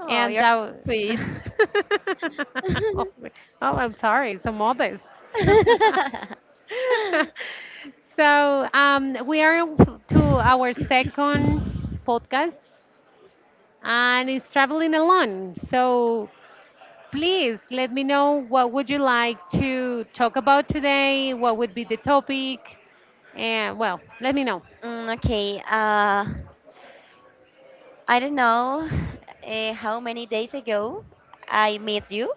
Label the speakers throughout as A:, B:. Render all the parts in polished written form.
A: Oh, you're so sweet. Okay, I don't know how many days ago I met you,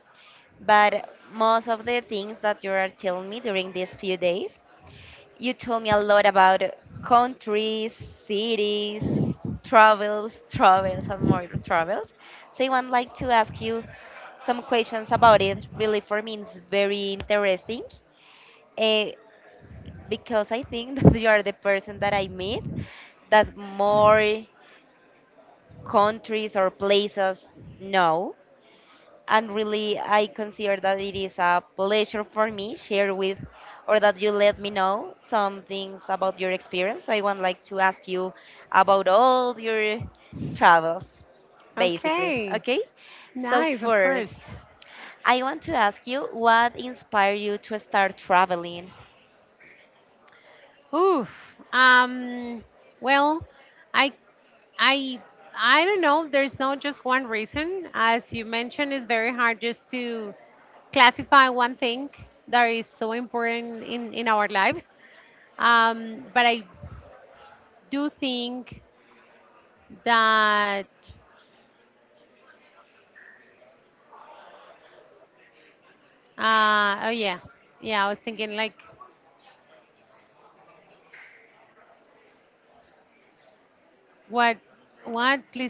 A: but most of the things that you are telling me during these few days, you told me a lot about countries, cities, travels, travels, and more travels. So I would like to ask you some questions about it. Really, for me, it's very interesting. Uh, because I think that you are the person that I meet that more countries or places know. And really, I consider that it is a pleasure for me share with, or that you let me know some things about your experience. So I want like to ask you about all your travels, basically. Okay. So first, I want to ask you what inspired you to start traveling.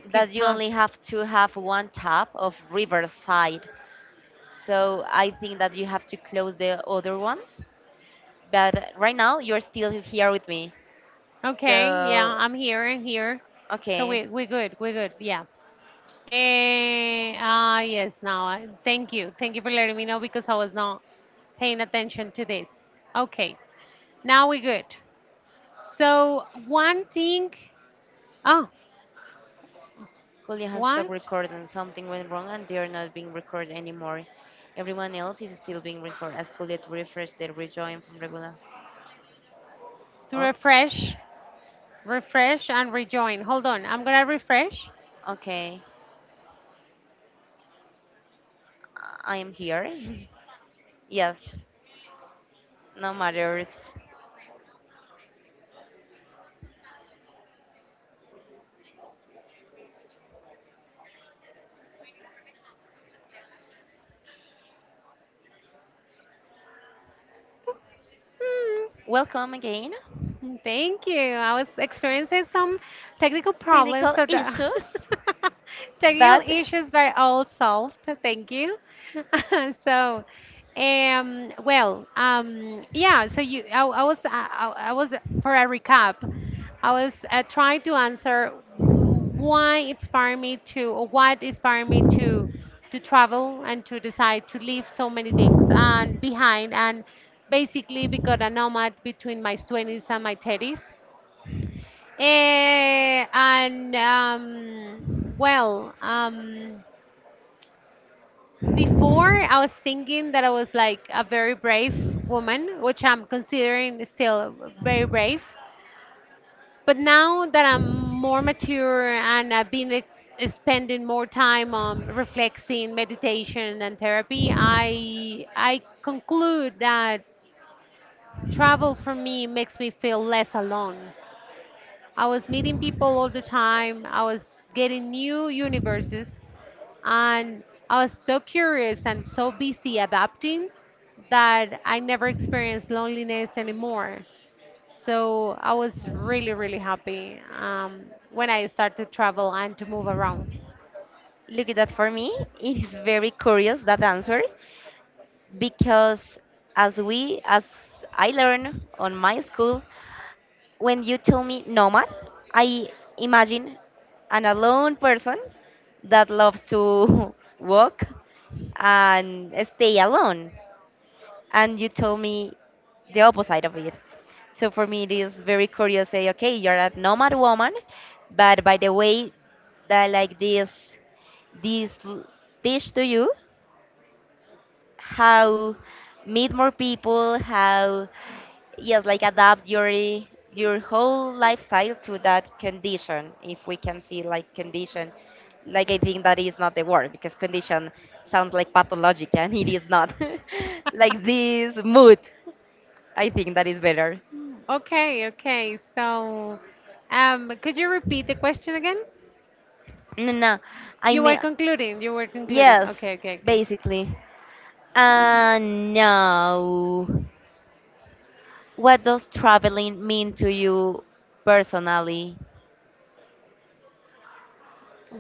A: That you only have to have one tab of Riverside. So I think that you have to close the other ones. But right now you're still here with me. So okay, Julia has stopped recording. Something went wrong, and they are not being recorded anymore. Everyone else is still being recorded. Ask Julia to refresh the rejoin from regular. Ok. Okay, I am here. Yes, no matters.
B: Ooh,
A: Welcome again.
B: mm. Thank you. I was experiencing some technical problems,
A: Technical
B: so the
A: issues,
B: technical
A: but
B: issues were all solved. Thank you. So, well, yeah. So you, I was for a recap. I was trying to answer why inspired me to, or what inspired me to travel and to decide to leave so many things and behind and basically become a nomad between my 20s and my 30s. Eh, and um, well, um, Before I was thinking that I was like a very brave woman, which I'm considering still very brave. But now that I'm more mature and I've been spending more time on reflecting, meditation, and therapy, I conclude that travel for me makes me feel less alone. I was meeting people all the time. I was getting new universes, and I was so curious and so busy adapting that I never experienced loneliness anymore. So I was really, really happy when I started to travel and to move around.
A: look at that. For me, it is very curious that answer because as I learned on my school, when you tell me nomad, I imagine an alone person that loves to walk and stay alone. And you told me the opposite of it. So for me, it is very curious. Say, okay, you're a nomad woman, but by the way, that like this l- dish to you how meet more people, how yes, like adapt your whole lifestyle to that condition. If we can see like condition, like I think that is not the word because condition sounds like pathologic and it is not. Like this mood, I think that is better.
B: Okay, okay. So could you repeat the question again?
A: No, no, I
B: You
A: mean
B: were concluding, you were concluding.
A: yes,
B: Okay, okay, okay.
A: basically.
B: Y-
A: And now, what does traveling mean to you personally?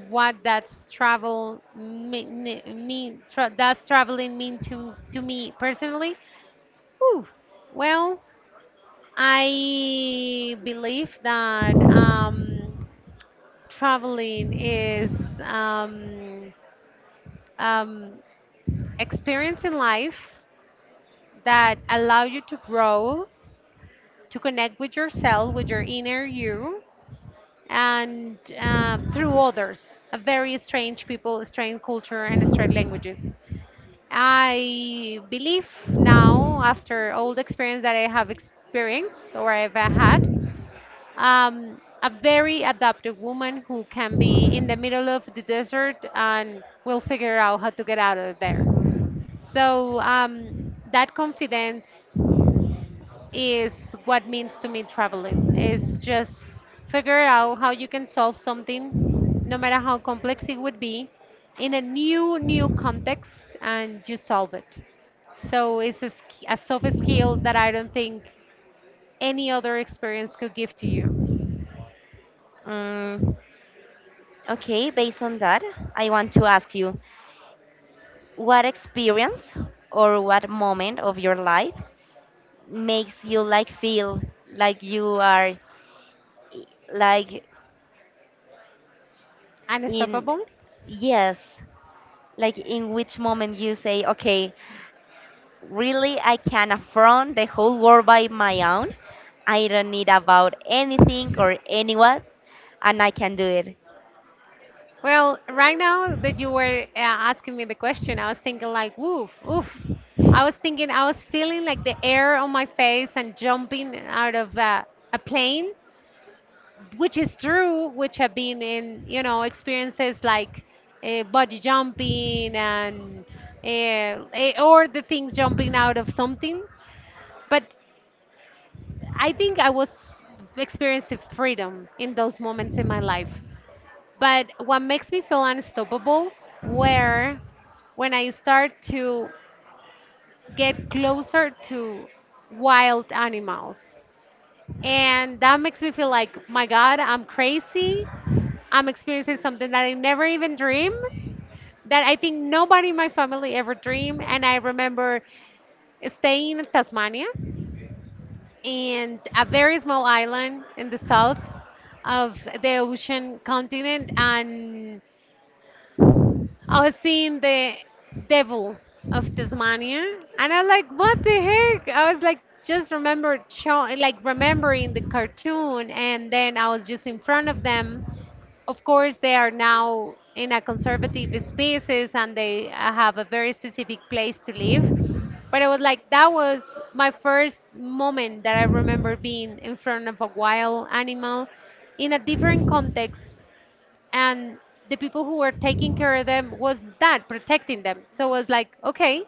B: What does travel mean tra does traveling mean to me personally? Ooh, well, I believe that traveling is um, experience in life that allow you to grow, to connect with yourself, with your inner you, and through others, a very strange people, strange culture, and strange languages. I believe now, after all the experience that I have experienced or I've had, a very adaptive woman who can be in the middle of the desert and will figure out how to get out of there. So that confidence is what means to me traveling. It's just figure out how you can solve something, no matter how complex it would be, in a new context, and you solve it. So it's a soft skill that I don't think any other experience could give to you.
A: Mm, Okay, based on that, I want to ask you what experience or what moment of your life makes you like feel like you are i- like in
B: Unstoppable?
A: yes, like in which moment you say, okay, really I can affront the whole world by my own. I don't need about anything or anyone and I can do it.
B: Well, right now that you were asking me the question, I was thinking like, woof, woof. I was thinking, I was feeling like the air on my face and jumping out of a plane, which is true, which have been in, you know, experiences like body jumping and or the things jumping out of something. But I think I was experiencing freedom in those moments in my life. But what makes me feel unstoppable were when I start to get closer to wild animals. And that makes me feel like, my God, I'm crazy. I'm experiencing something that I never even dreamed, that I think nobody in my family ever dreamed. And I remember staying in Tasmania, and a very small island in the south of the ocean continent, and I was seeing the devil of Tasmania, and I was like, what the heck? I was like, just remember, show, like remembering the cartoon, and then I was just in front of them. Of course, they are now in a conservative spaces and they have a very specific place to live. But I was like, that was my first moment that I remember being in front of a wild animal in a different context. And the people who were taking care of them was that, protecting them. So I was like, okay,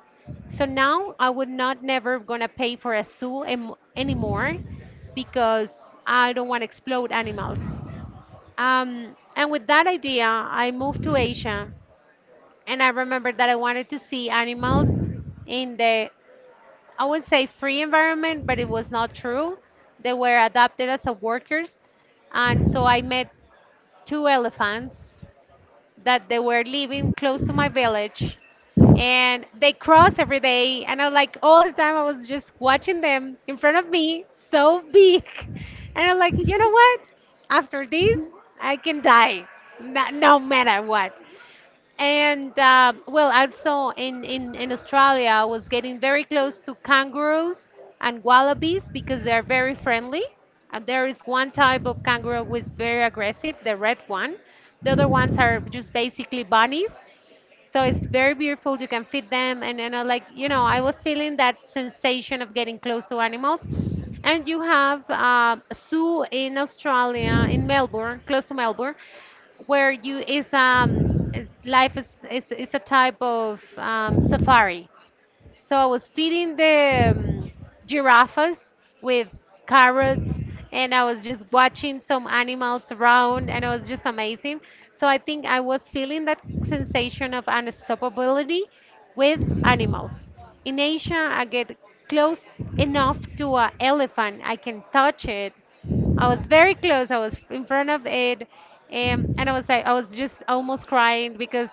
B: so now I would not never gonna pay for a zoo anymore because I don't want to explode animals. And with that idea, I moved to Asia, and I remembered that I wanted to see animals in the, I would say free environment, but it was not true. They were adopted as a workers, and so I met two elephants that they were living close to my village and they cross every day and I was like all the time I was just watching them in front of me so big. And I'm like, you know what, after this I can die, no matter what. And well, also in Australia, I was getting very close to kangaroos and wallabies because they're very friendly. And there is one type of kangaroo who is very aggressive, the red one. The other ones are just basically bunnies. So it's very beautiful. You can feed them, and I was feeling that sensation of getting close to animals. And you have a zoo in Australia, in Melbourne, close to Melbourne, where you is life is a type of safari. So I was feeding the giraffes with carrots and I was just watching some animals around and it was just amazing. So I think I was feeling that sensation of unstoppability with animals. In Asia, I get close enough to an elephant, I can touch it. I was very close. I was in front of it, and I was like, I was just almost crying because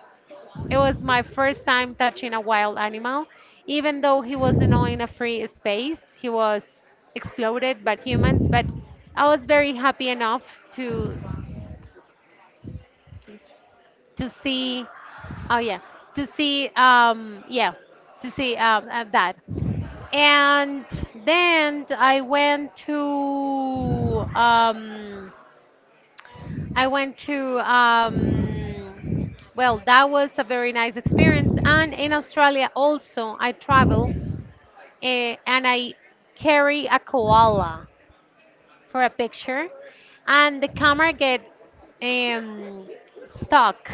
B: it was my first time touching a wild animal. Even though he was not in a free space, he was exploded by humans, but I was very happy enough to see, oh yeah, to see that. And then I went to well, That was a very nice experience. And in Australia also, I travel, and I carry a koala for a picture, and the camera get um, stuck.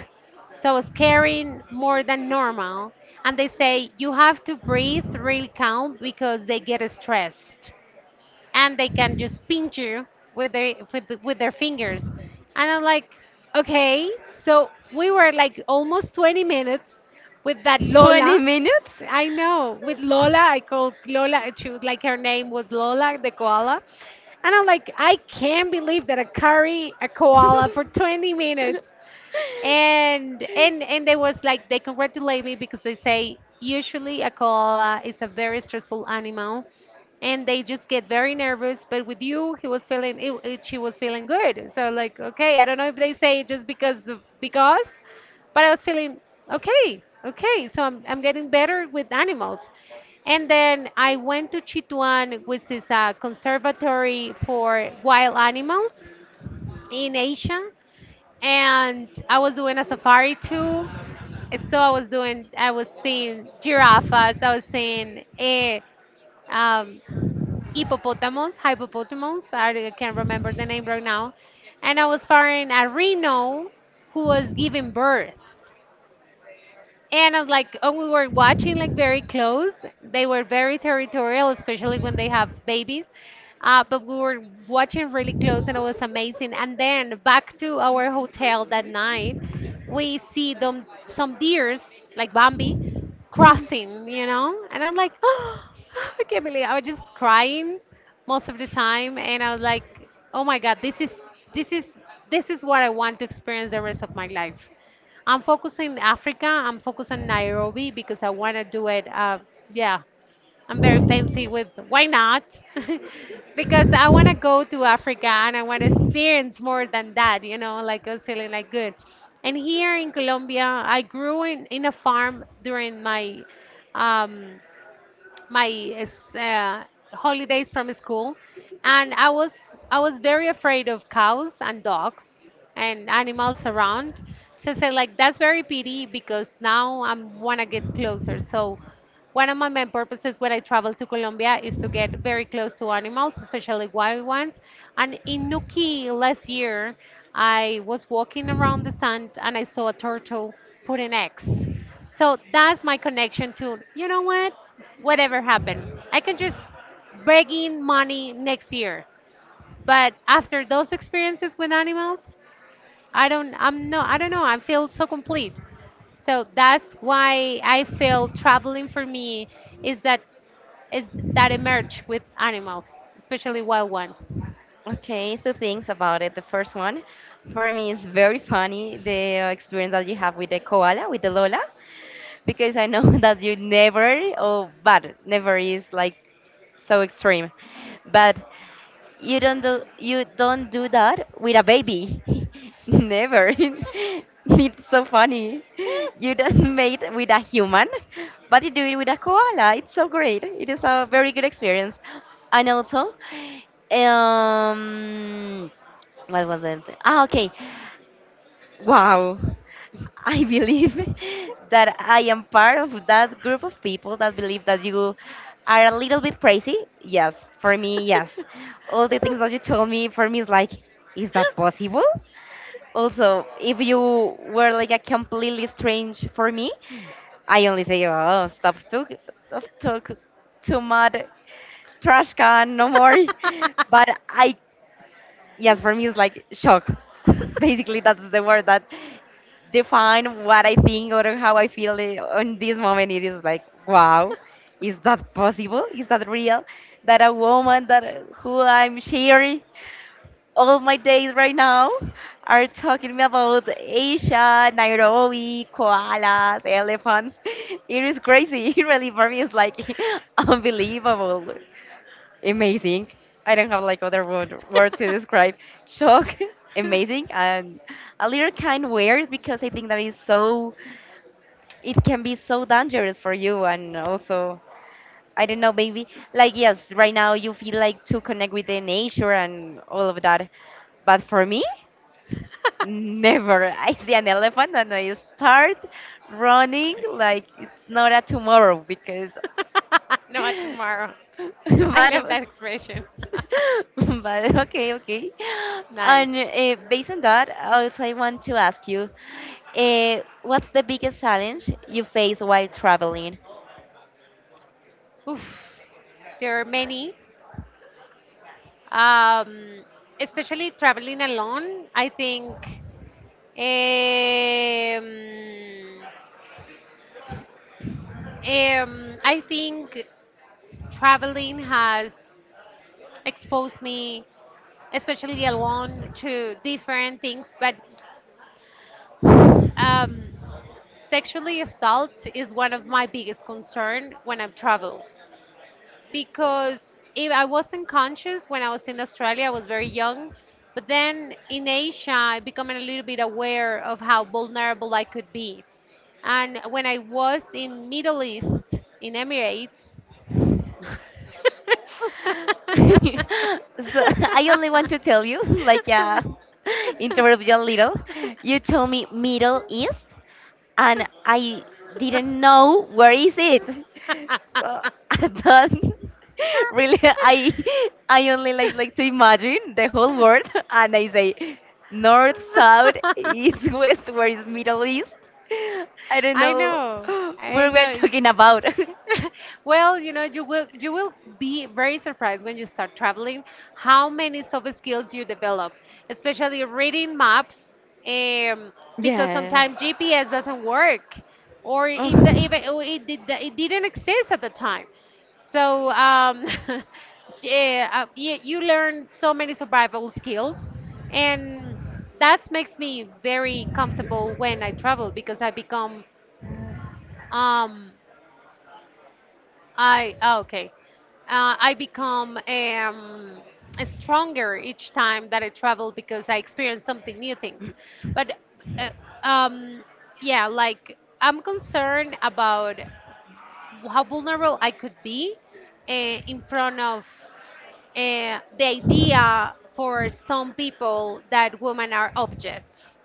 B: So I was carrying more than normal, and they say you have to breathe really calm because they get stressed and they can just pinch you with their with their fingers. And I'm like, okay. So we were like almost 20 minutes with that
A: 20
B: lola.
A: minutes?
B: I know, with lola, I called lola, she was like, her name was lola the koala. And I'm like, I can't believe that I carry a koala for 20 minutes. And they was like, they congratulate me because they say usually a koala is a very stressful animal and they just get very nervous, but with you he was feeling she was feeling good. So like, okay, I don't know if they say it just because. But I was feeling okay, okay, so I'm getting better with animals. And then I went to chituan, which is a conservatory for wild animals in asia, and I was doing a safari too. And so I was doing, I was seeing giraffes, I was seeing um, hippopotamus, hippopotamus, I can't remember the name right now. And I was following a rhino who was giving birth. And I was like, oh, we were watching like very close. They were very territorial, especially when they have babies. But we were watching really close and it was amazing. And then back to our hotel that night, we see them, some deers, like Bambi, crossing, you know? And I'm like, I can't believe, I was just crying most of the time. And I was like, oh my God, this is, this is what I want to experience the rest of my life. I'm focusing Africa. I'm focusing Nairobi because I want to do it. Yeah, I'm very fancy with why not? Because I want to go to Africa and I want to experience more than that. You know, like I was feeling like good. And here in Colombia, I grew in a farm during my um, my uh, holidays from school. And I was very afraid of cows and dogs and animals around. So I said like that's very pity because now I want to get closer. So one of my main purposes when I travel to Colombia is to get very close to animals, especially wild ones. And in nuki last year, I was walking around the sand and I saw a turtle put an eggs. So that's my connection to, you know what? Whatever happened, I can just beg in money next year. But after those experiences with animals, I don't know. I feel so complete. So that's why I feel traveling for me is that is that emerge with animals, especially wild ones.
A: Okay, two things about it. The first one, for me, is very funny the experience that you have with the koala, with the Lola, because I know that you never, oh, but never is like so extreme. But You don't do that with a baby. Never. It's so funny. You don't mate with a human, but you do it with a koala. It's so great. It is a very good experience. And also, um, what was it? Ah, okay. Wow. I believe that I am part of that group of people that believe that you are a little bit crazy. Yes, for me, yes. All the things that you told me, for me, is like, is that possible? Also, if you were like a completely strange for me, I only say, oh, stop, took, too much trash can, no more. But I yes, for me it's like shock. Basically, that's the word that define what I think or how I feel on this moment. It is like, wow, is that possible? Is that real? That a woman that who I'm sharing all my days right now are talking me about Asia, Nairobi, koalas, elephants. It is crazy. Really, for me, it's like unbelievable amazing. I don't have like other word to describe. Shock, amazing, and a little kind weird because I think that is so. It can be so dangerous for you, and also I don't know, maybe like yes, right now you feel like to connect with the nature and all of that, but for me, never. I see an elephant and I start running like it's not a tomorrow because.
B: No, tomorrow. I love
A: But
B: that expression.
A: but okay, okay.
B: Nice.
A: And based on that, also I want to ask you, what's the biggest challenge you face while traveling?
B: Oof. There are many. Um, Especially traveling alone, I think. Um, I think traveling has exposed me, especially alone, to different things. But um, sexually assault is one of my biggest concern when I travel, because if I wasn't conscious when I was in Australia, I was very young. But then in Asia, I became a little bit aware of how vulnerable I could be. And when I was in Middle East, in Emirates,
A: So I only want to tell you, like, interrupt you a little. You told me Middle East, and I didn't know where is it. So I don't really I only like to imagine the whole world and I say north, south, east, west, where is Middle East? I don't
B: I
A: know
B: know. I
A: where we're
B: know.
A: talking about.
B: Well, you know, you will be very surprised when you start traveling how many soft skills you develop, especially reading maps, um, because
A: Yes.
B: sometimes GPS doesn't work, or it d-
A: Ugh.
B: even or it, did, it didn't exist at the time. So yeah, you learn so many survival skills, and that makes me very comfortable when I travel because I become um, okay. I become stronger each time that I travel because I experience something new things. But uh, um, yeah, like I'm concerned about how vulnerable I could be in front of the idea for some people that women are objects.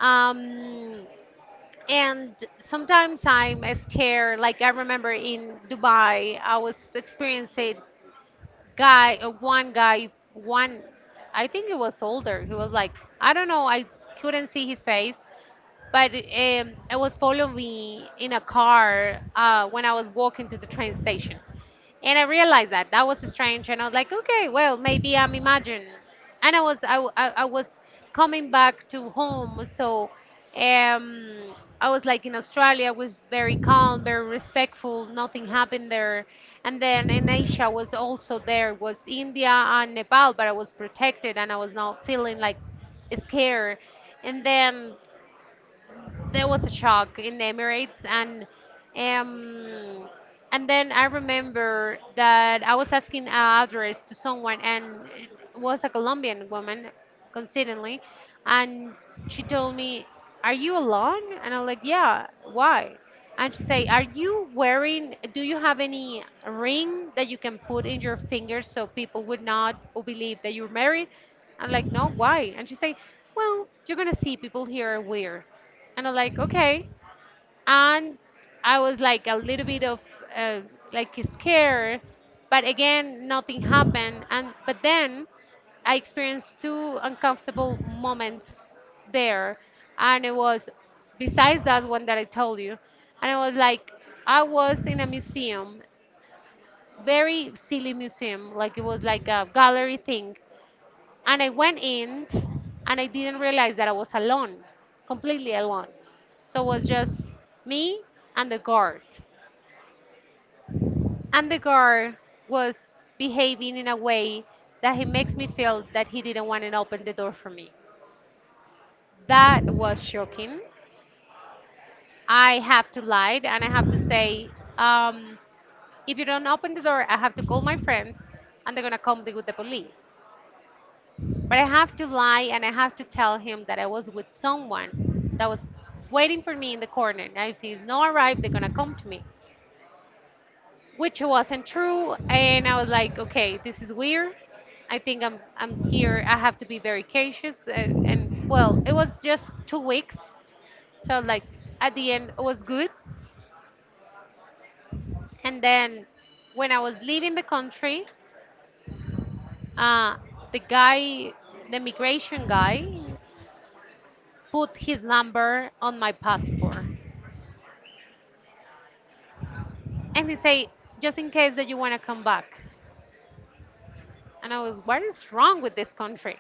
B: Um, and sometimes I'm scared. Like I remember in Dubai, I was experiencing guy, one guy, one, I think he was older. He was like, I don't know, I couldn't see his face, but it was following me in a car when I was walking to the train station. And I realized that that was strange. And I was like, okay, well, maybe I'm imagining. And I was, I, w- I was coming back to home. So um, I was like in Australia, I was very calm, very respectful. Nothing happened there. And then in Asia was also there was India and Nepal, but I was protected and I was not feeling like scared. And then there was a shock in the Emirates, um, and then I remember that I was asking an address to someone, and it was a Colombian woman, coincidentally, and she told me, "Are you alone?" And I'm like, "Yeah, why?" And she say, "Are you wearing? Do you have any ring that you can put in your finger so people would not believe that you're married?" I'm like, "No, why?" And she say, "Well, you're gonna see people here are weird." And I'm like, okay. And I was like a little bit of uh, like scared, but again, nothing happened. And but then I experienced two uncomfortable moments there, and it was besides that one that I told you, and it was like I was in a museum, very silly museum, like it was like a gallery thing, and I went in and I didn't realize that I was alone, completely alone. So it was just me and the guard. And the guard was behaving in a way that he makes me feel that he didn't want to open the door for me. That was shocking. I have to lie and I have to say, um, if you don't open the door, I have to call my friends and they're going to come with the police. But I have to lie and I have to tell him that I was with someone that was waiting for me in the corner. And if he's not arrived, they're gonna come to me, which wasn't true. And I was like, okay, this is weird. I think I'm here. I have to be very cautious. And well, it was just 2 weeks, so like at the end it was good. And then when I was leaving the country, uh, the guy, the immigration guy, put his number on my passport. And they say, just in case that you want to come back. And I was, what is wrong with this country?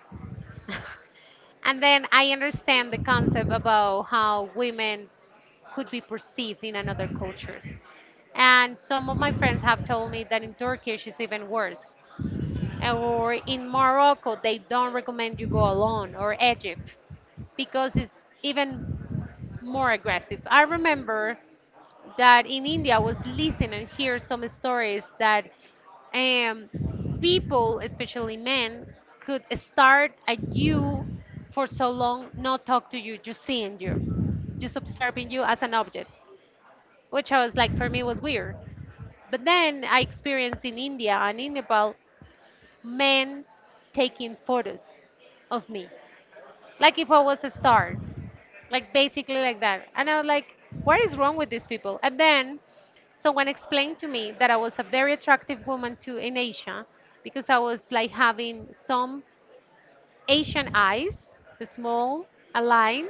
B: And then I understand the concept about how women could be perceived in another cultures. And some of my friends have told me that in Turkish it's even worse. Or in Morocco, they don't recommend you go alone, or Egypt, because it's even more aggressive. I remember that in India was listening and hear some stories that um, people, especially men, could start at you for so long, not talk to you, just seeing you, just observing you as an object, which I was like, for me was weird. But then I experienced in India and in Nepal men taking photos of me, like if I was a star like basically like that. And I was like what is wrong with these people. And then someone explained to me that I was a very attractive woman too in asia because I was like having some asian eyes, small, aligned,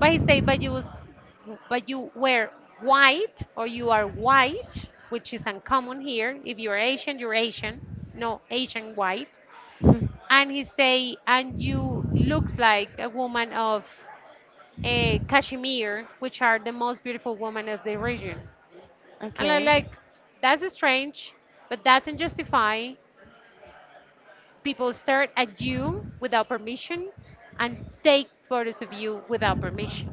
B: but he said, but you were white, or you are white, which is uncommon here. If you're asian you're asian, no asian white. And he say, and you looks like a woman of Kashmir, which are the most beautiful women of the region. And I'm
A: Okay.
B: like, that's strange, but doesn't justify people stare at you without permission and take photos of you without permission.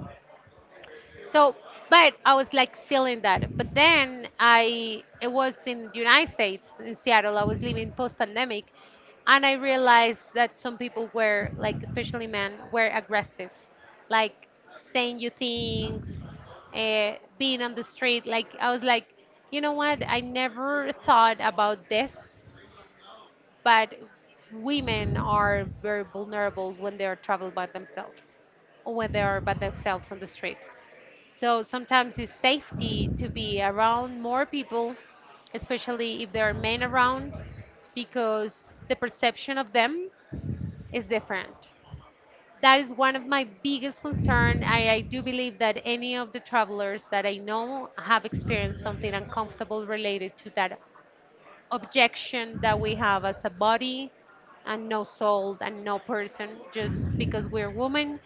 B: So, but I was like feeling that. But then I, it was in the United States, in Seattle. I was living post-pandemic, and I realized that some people were like, especially men, were aggressive, like saying you things, being on the street. Like I was like, you know what? I never thought about this, but women are very vulnerable when they are traveling by themselves or when they are by themselves on the street. So sometimes it's safety to be around more people, especially if there are men around, because the perception of them is different. That is one of my biggest concern. I do believe that any of the travelers that I know have experienced something uncomfortable related to that objection that we have as a body and no soul and no person just because we're women,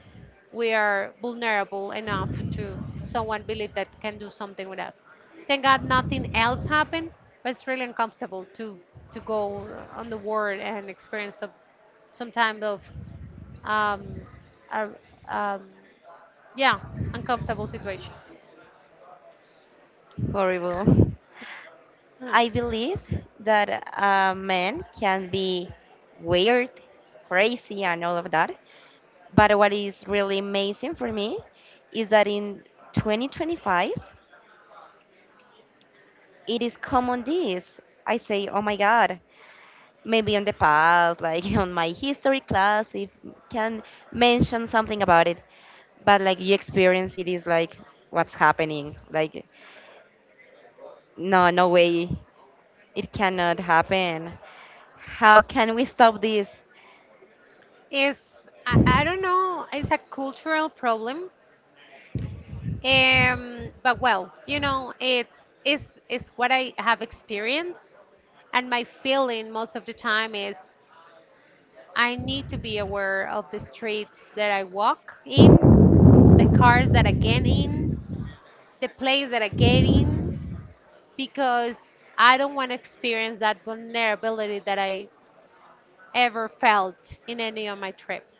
B: we are vulnerable enough to someone believe that can do something with us. Thank god nothing else happened, but it's really uncomfortable to go on the world and experience some kind of um, uh, um yeah uncomfortable situations.
A: Horrible.
B: Hmm.
A: I believe that a man can be weird, crazy, and all of that, but what is really amazing for me is that in 2025, it is common this. I say, oh my God, maybe on the past, like on my history class, if can mention something about it. But like you experience it is like what's happening. Like, no, no way. It cannot happen. How can we stop this?
B: Is I don't know, it's a cultural problem. But well, you know, it's what I have experienced, and my feeling most of the time is I need to be aware of the streets that I walk in, the cars that I get in, the place that I get in, because I don't want to experience that vulnerability that I ever felt in any of my trips.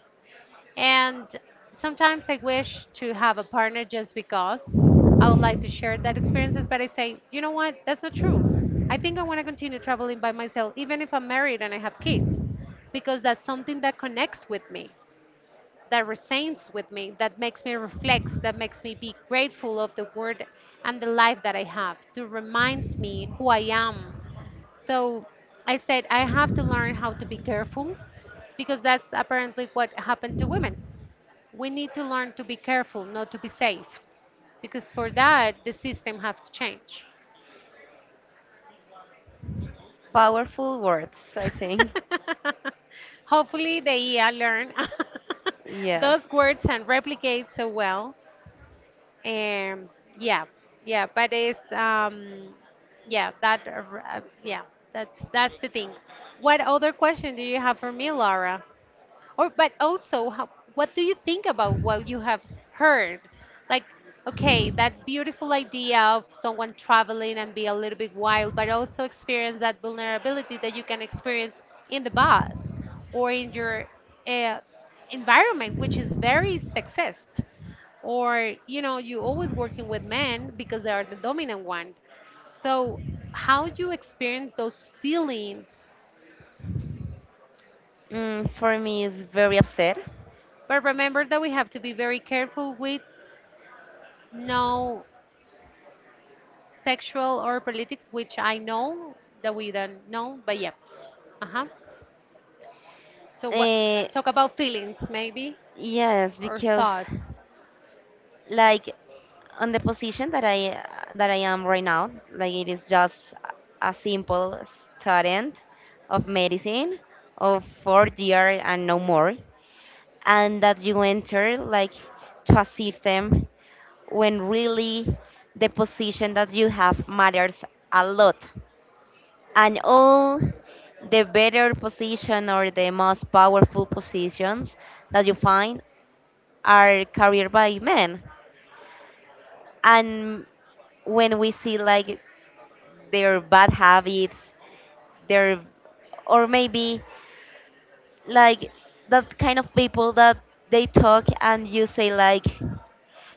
B: And sometimes I wish to have a partner just because I would like to share that experiences, but I say, you know what, that's not true. I think I want to continue traveling by myself, even if I'm married and I have kids, because that's something that connects with me, that resonates with me, that makes me reflect, that makes me be grateful of the word and the life that I have, to reminds me who I am. So I said I have to learn how to be careful because that's apparently what happened to women, we need to learn to be careful, not to be safe, because for that the system has to change.
A: Powerful words, I think.
B: Hopefully, the AI learn
A: Yes.
B: those words and replicate so well. Um, yeah, yeah, but it's yeah that yeah that's the thing. What other question do you have for me, Laura? Or, but also, how, what do you think about what you have heard? Like, okay, that beautiful idea of someone traveling and be a little bit wild, but also experience that vulnerability that you can experience in the bus or in your uh, environment, which is very sexist. Or, you know, you always working with men because they are the dominant one. So, how you experience those feelings
A: For me, it's very upset.
B: but remember that we have to be very careful with no sexual or politics, which I know that we don't know, but yeah. Uh-huh. So what
A: Uh,
B: talk about feelings maybe
A: Yes,
B: or
A: because
B: thoughts.
A: like on the position that I am right now, like it is just a simple student of medicine of fourth year and no more, and that you enter like to a system when really the position that you have matters a lot, and all the better position or the most powerful positions that you find are carried by men, and when we see like their bad habits, their or maybe like that kind of people that they talk and you say like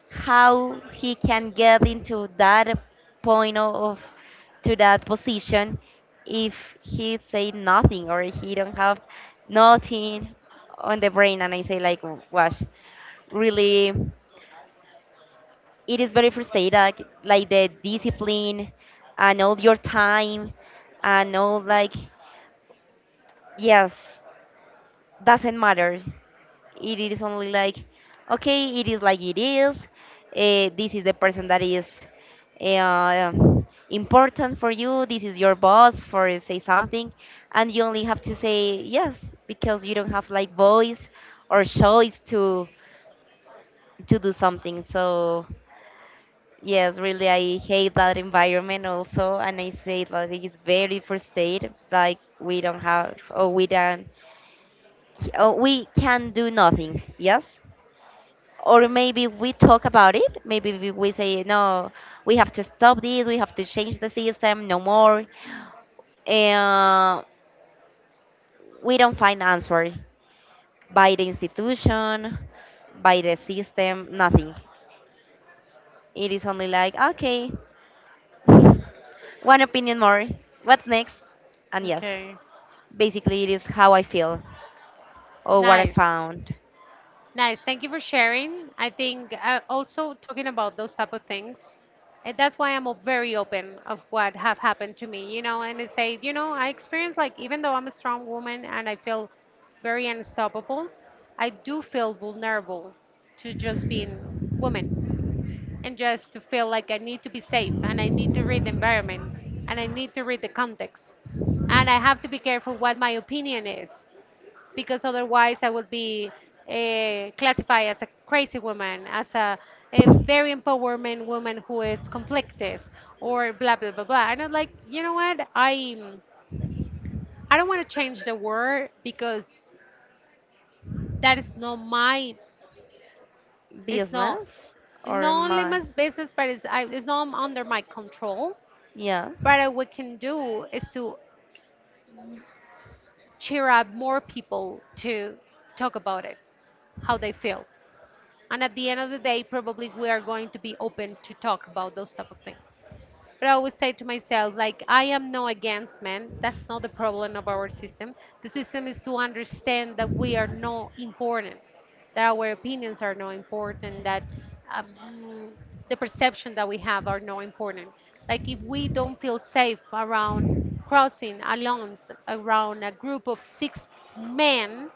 A: how he can get into that point of to that position if he say nothing or he don't have nothing on the brain. And I say like, gosh, really it is very frustrating, like the discipline and all your time and all like yes doesn't matter. It is only like okay it is like it is this is the person that is uh, important for you, this is your boss for say something and you only have to say yes because you don't have like voice or choice to do something. So yes, really, I hate that environment also, and I say that it's very frustrating. Like we don't have, or we don't, or we can do nothing. Yes, or maybe we talk about it. Maybe we say no, we have to stop this. We have to change the system. No more. And we don't find answer by the institution, by the system. Nothing. It is only like okay, one opinion more. What's next? And yes,
B: Okay.
A: basically it is how I feel or what I
B: Nice.
A: found.
B: Nice. Thank you for sharing. I think also talking about those type of things. And that's why very open of what have happened to me, you know, and I say, you know, I experience like even though I'm a strong woman and I feel very unstoppable, I do feel vulnerable to just being woman. And just to feel like I need to be safe and I need to read the environment and I need to read the context. And I have to be careful what my opinion is because otherwise I will be classified as a crazy woman, as a very empowerment woman who is conflictive or blah, blah, blah, blah. And I'm like, you know what? I don't want to change the word because that is not my, it's not,
A: Business or
B: not only my
A: my
B: business, but it's, I, it's not under my control.
A: yeah.
B: But what we can do is to cheer up more people to talk about it, how they feel. And at the end of the day, probably we are going to be open to talk about those type of things. But I always say to myself, like, I am no against men. That's not the problem of our system. The system is to understand that we are not important, that our opinions are not important, that um, the perception that we have are not important. Like, if we don't feel safe around crossing alone, around a group of 6 men,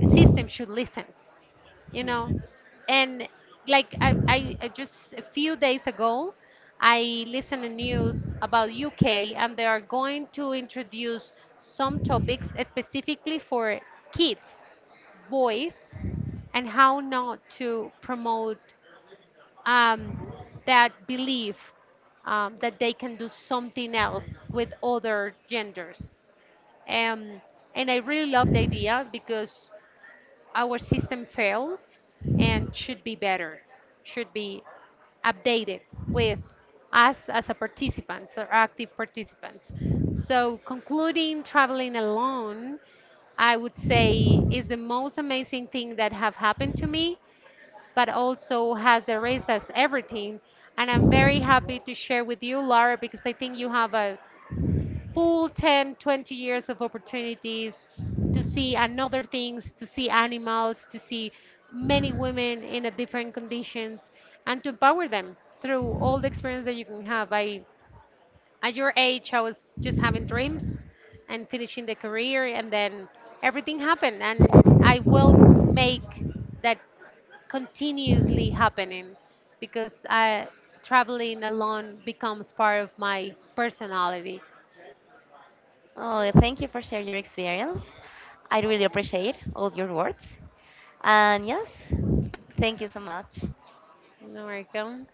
B: the system should listen, you know.
A: Hmm.
B: And like I just a few days ago I listened to news about UK, and they are going to introduce some topics specifically for kids, boys, and how not to promote um, that belief, that they can do something else with other genders. um, and I really love the idea because our system failed and should be better, should be updated with us as a participants or active participants. So concluding traveling alone, I would say is the most amazing thing that have happened to me, but also has the race as everything. And I'm very happy to share with you, Laura, because I think you have a full 10, 20 years of opportunities to see another things, to see animals, to see many women in a different conditions and to empower them through all the experience that you can have. I at your age I was just having dreams and finishing the career and then everything happened, and I will make that continuously happening because I traveling alone becomes part of my personality.
A: Oh, thank you for sharing your experience. I really appreciate all your words. And yes, thank you so much.
B: America.